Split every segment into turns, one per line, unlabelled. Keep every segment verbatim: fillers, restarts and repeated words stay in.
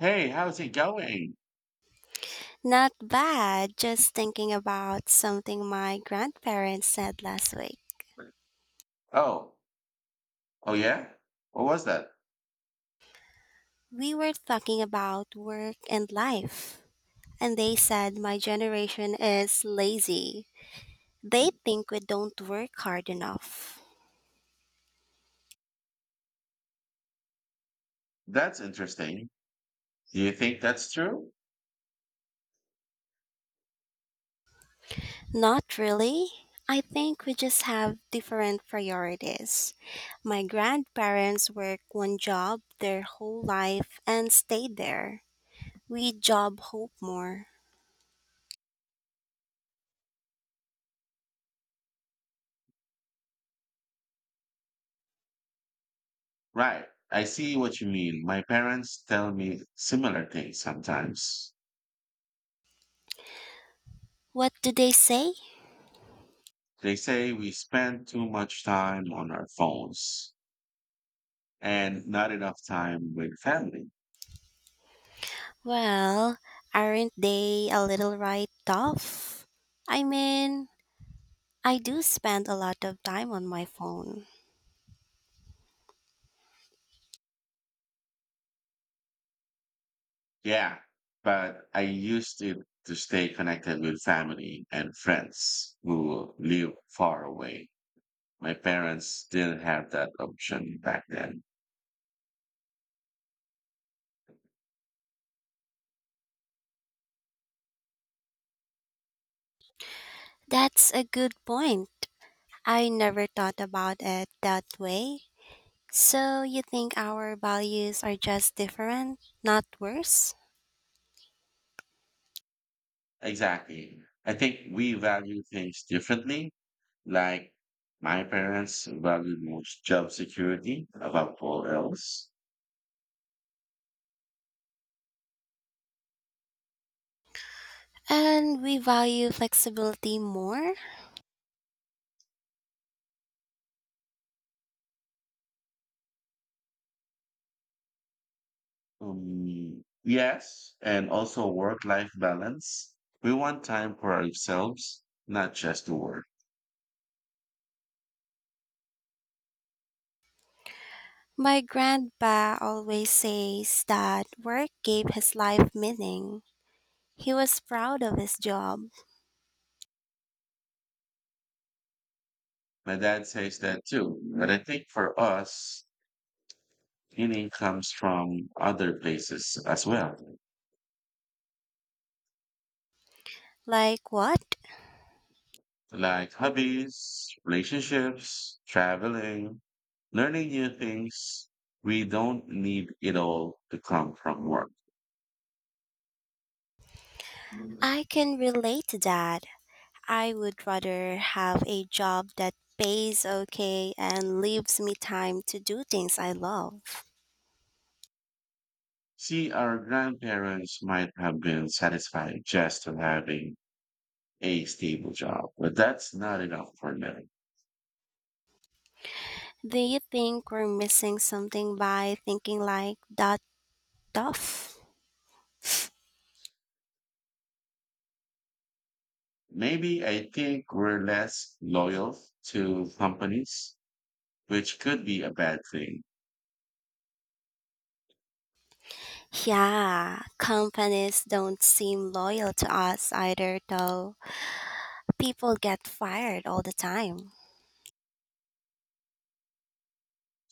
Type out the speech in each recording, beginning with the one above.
Hey, how's it going?
Not bad, just thinking about something my grandparents said last week.
Oh, oh yeah? What was that?
We were talking about work and life, and they said my generation is lazy. They think we don't work hard enough.
That's interesting. Do you think that's true?
Not really. I think we just have different priorities. My grandparents work one job their whole life and stayed there. We job hope more.
Right. I see what you mean. My parents tell me similar things sometimes.
What do they say?
They say we spend too much time on our phones and not enough time with family.
Well, aren't they a little right off? I mean, I do spend a lot of time on my phone.
Yeah, but I used it to stay connected with family and friends who live far away. My parents didn't have that option back then.
That's a good point. I never thought about it that way. So, you think our values are just different, not worse?
Exactly. I think we value things differently. Like my parents valued most job security above all else.
And we value flexibility more?
Um, yes, and also work-life balance. We want time for ourselves, not just to work.
My grandpa always says that work gave his life meaning. He was proud of his job.
My dad says that too, but I think for us, meaning comes from other places as well.
Like what?
Like hobbies, relationships, traveling, learning new things. We don't need it all to come from work.
I can relate to that. I would rather have a job that pays okay and leaves me time to do things I love.
See, our grandparents might have been satisfied just to having a stable job, but that's not enough for them.
Do you think we're missing something by thinking like that tough?
Maybe I think we're less loyal to companies, which could be a bad thing.
Yeah, companies don't seem loyal to us either, though. People get fired all the time.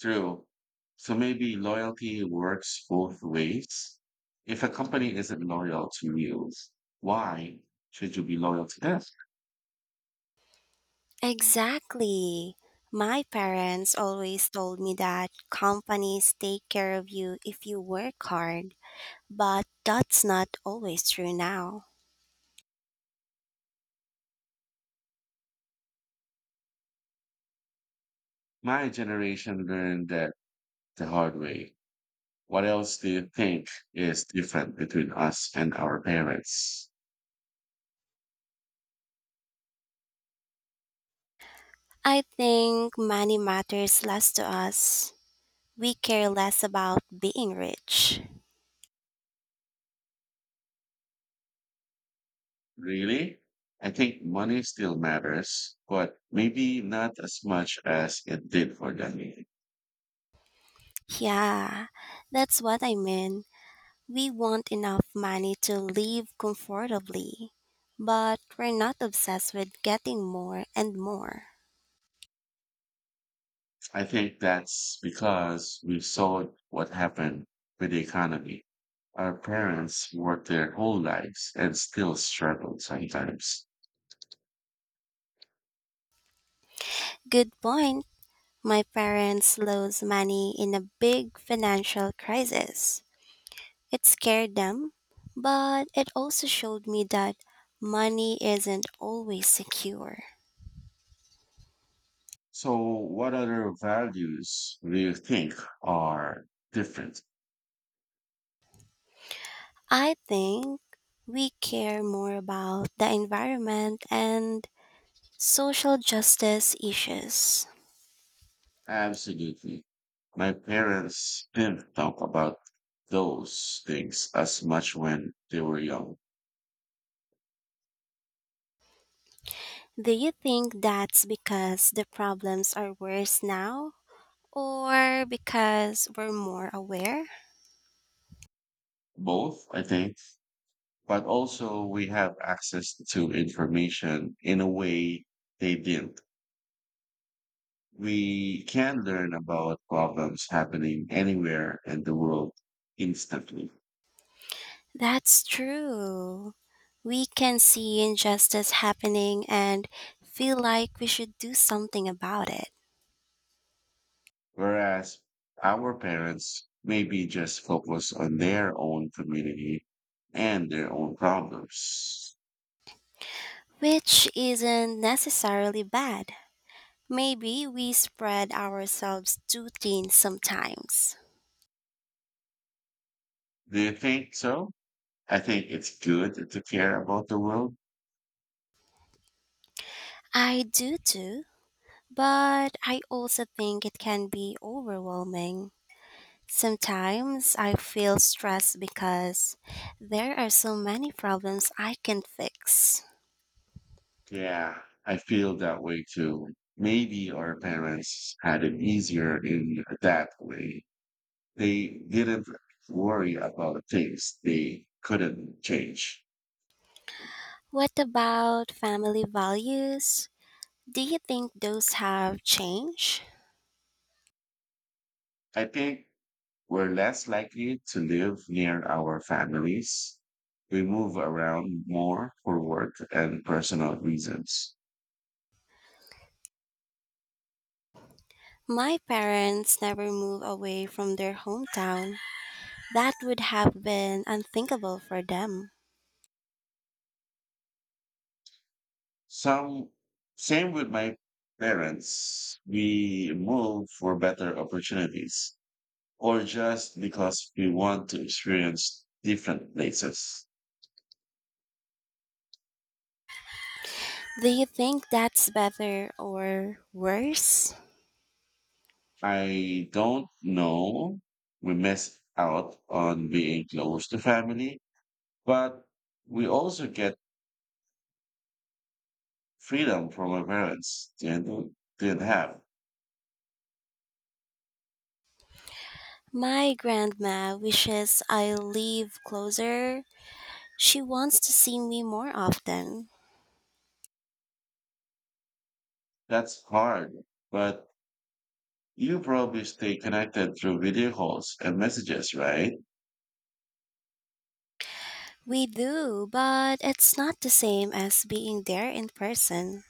True. So maybe loyalty works both ways. If a company isn't loyal to you, why should you be loyal to them?
Exactly. My parents always told me that companies take care of you if you work hard. But that's not always true now.
My generation learned that the hard way. What else do you think is different between us and our parents?
I think money matters less to us. We care less about being rich.
Really? I think money still matters, but maybe not as much as it did for them.
Yeah, that's what I mean. We want enough money to live comfortably, but we're not obsessed with getting more and more.
I think that's because we saw what happened with the economy. Our parents worked their whole lives and still struggled sometimes.
Good point. My parents lost money in a big financial crisis. It scared them, but it also showed me that money isn't always secure.
So, what other values do you think are different?
I think we care more about the environment and social justice issues.
Absolutely. My parents didn't talk about those things as much when they were young.
Do you think that's because the problems are worse now? Or because we're more aware?
Both, I think, but also we have access to information in a way they didn't. We can learn about problems happening anywhere in the world instantly,
That's true. We can see injustice happening and feel like we should do something about it.
whereas our parents maybe just focus on their own community and their own problems.
Which isn't necessarily bad. Maybe we spread ourselves too thin sometimes.
Do you think so? I think it's good to care about the world.
I do too, but I also think it can be overwhelming. Sometimes I feel stressed because there are so many problems I can fix.
Yeah, I feel that way too. Maybe our parents had it easier in that way. They didn't worry about things they couldn't change.
What about family values? Do you think those have changed?
I think we're less likely to live near our families. We move around more for work and personal reasons.
My parents never moved away from their hometown. That would have been unthinkable for them.
Some, same with my parents. We move for better opportunities or just because we want to experience different places.
Do you think that's better or worse?
I don't know. We miss out on being close to family, but we also get freedom from our parents. Didn't, didn't have.
My grandma wishes I live closer. She wants to see me more often.
That's hard, but you probably stay connected through video calls and messages, right?
We do, but it's not the same as being there in person.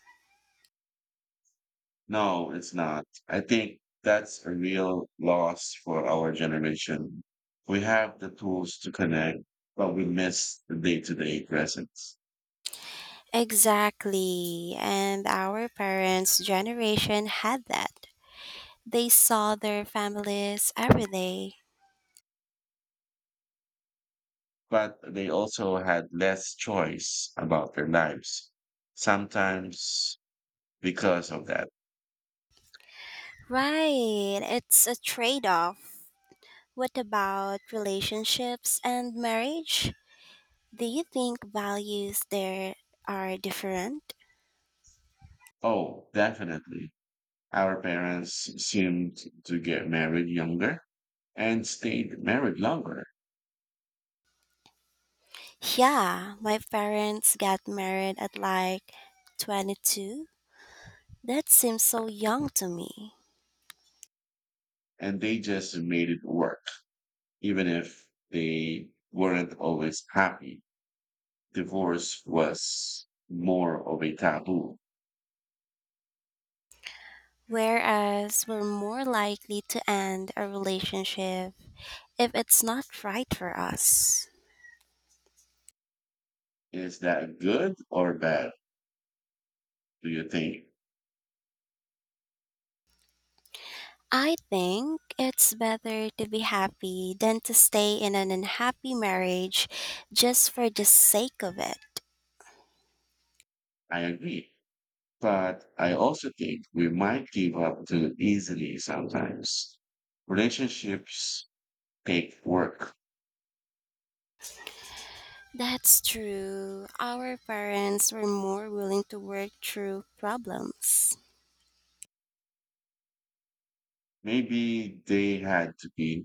No, it's not. I think that's a real loss for our generation. We have the tools to connect, but we miss the day-to-day presence.
Exactly. And our parents' generation had that. They saw their families every day.
But they also had less choice about their lives. Sometimes because of that.
Right. It's a trade off. What about relationships and marriage? Do you think values there are different?
Oh, definitely. Our parents seemed to get married younger and stayed married longer,
Yeah, my parents got married at like twenty-two. That seems so young to me.
and they just made it work, even if they weren't always happy divorce was more of a taboo.
Whereas we're more likely to end a relationship if it's not right for us.
Is that good or bad? Do you think?
I think it's better to be happy than to stay in an unhappy marriage just for the sake of it.
I agree. But I also think we might give up too easily sometimes. Relationships take work.
That's true. Our parents were more willing to work through problems.
Maybe they had to be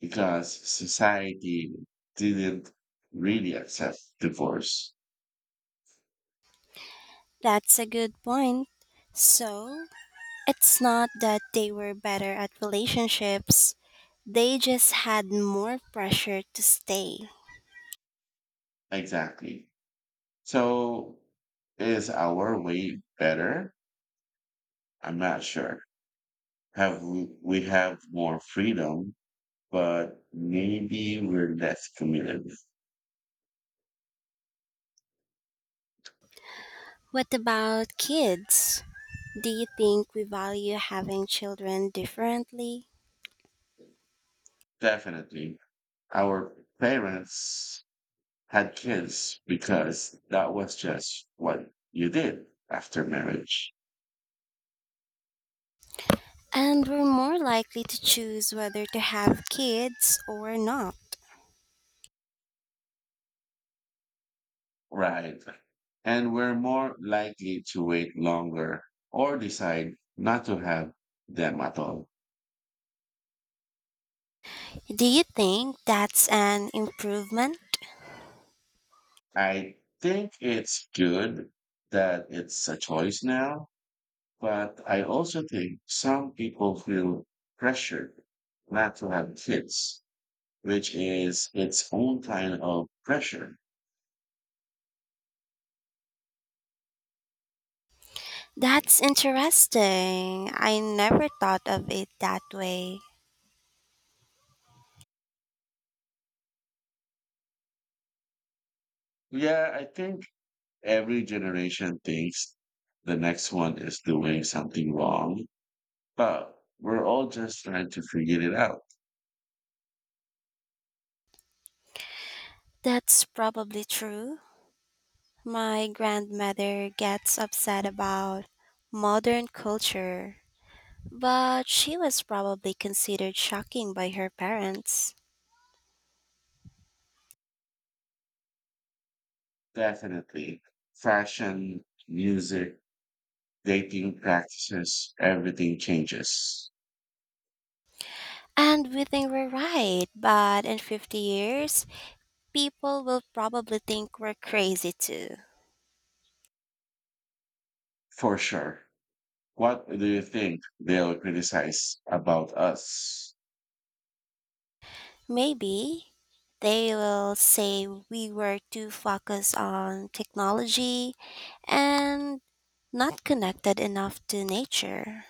because society didn't really accept divorce.
That's a good point. So, it's not that they were better at relationships, they just had more pressure to stay.
Exactly. So is our way better? I'm not sure. have we we have more freedom, but maybe we're less committed.
What about kids? Do you think we value having children differently?
Definitely. Our parents had kids because that was just what you did after marriage.
And we're more likely to choose whether to have kids or not.
Right. And we're more likely to wait longer or decide not to have them at all.
Do you think that's an improvement?
I think it's good that it's a choice now, but I also think some people feel pressured not to have kids, which is its own kind of pressure.
That's interesting. I never thought of it that way.
Yeah, I think every generation thinks the next one is doing something wrong, but we're all just trying to figure it out.
That's probably true. My grandmother gets upset about modern culture, but she was probably considered shocking by her parents.
Definitely. Fashion, music, dating practices, everything changes
And we think we're right, but in fifty years, people will probably think we're crazy too.
for sure. What do you think they'll criticize about us?
Maybe they will say we were too focused on technology and not connected enough to nature.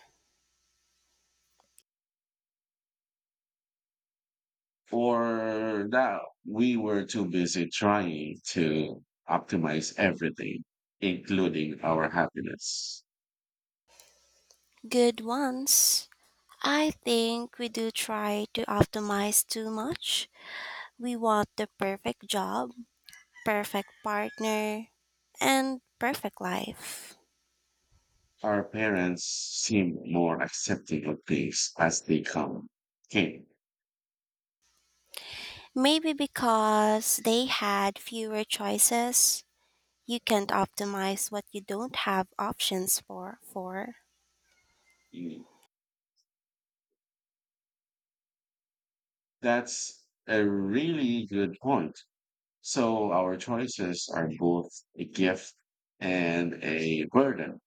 Or that we were too busy trying to optimize everything, including our happiness.
Good ones. I think we do try to optimize too much. We want the perfect job, perfect partner, and perfect life.
Our parents seem more accepting of things as they come. Came.
Maybe because they had fewer choices, you can't optimize what you don't have options for. for.
That's a really good point. So our choices are both a gift and a burden.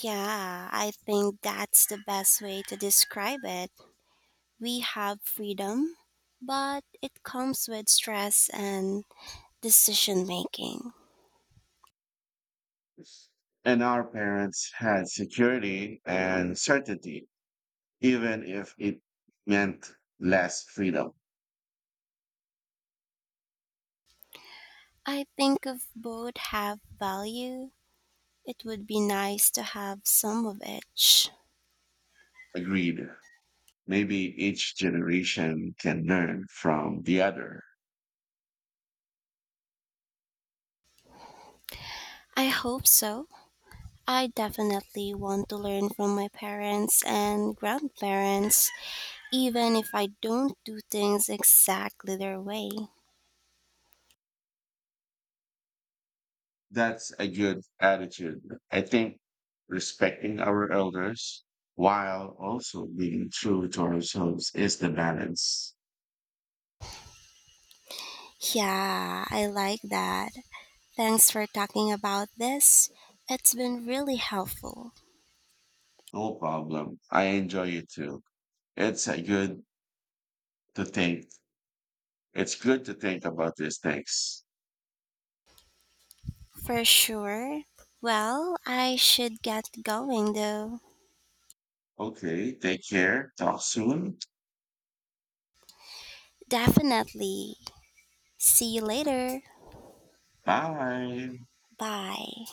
Yeah, I think that's the best way to describe it. We have freedom, but it comes with stress and decision making.
And our parents had security and certainty, even if it meant less freedom.
I think if both have value, it would be nice to have some of each.
Agreed. Maybe each generation can learn from the other.
I hope so. I definitely want to learn from my parents and grandparents, even if I don't do things exactly their way.
That's a good attitude. I think respecting our elders while also being true to ourselves is the balance.
Yeah, I like that. Thanks for talking about this. It's been really helpful.
No problem. I enjoy it too. It's a good to think. It's good to think about these things.
For sure. Well, I should get going though.
Okay, take care. Talk soon.
Definitely. See you later.
Bye.
Bye.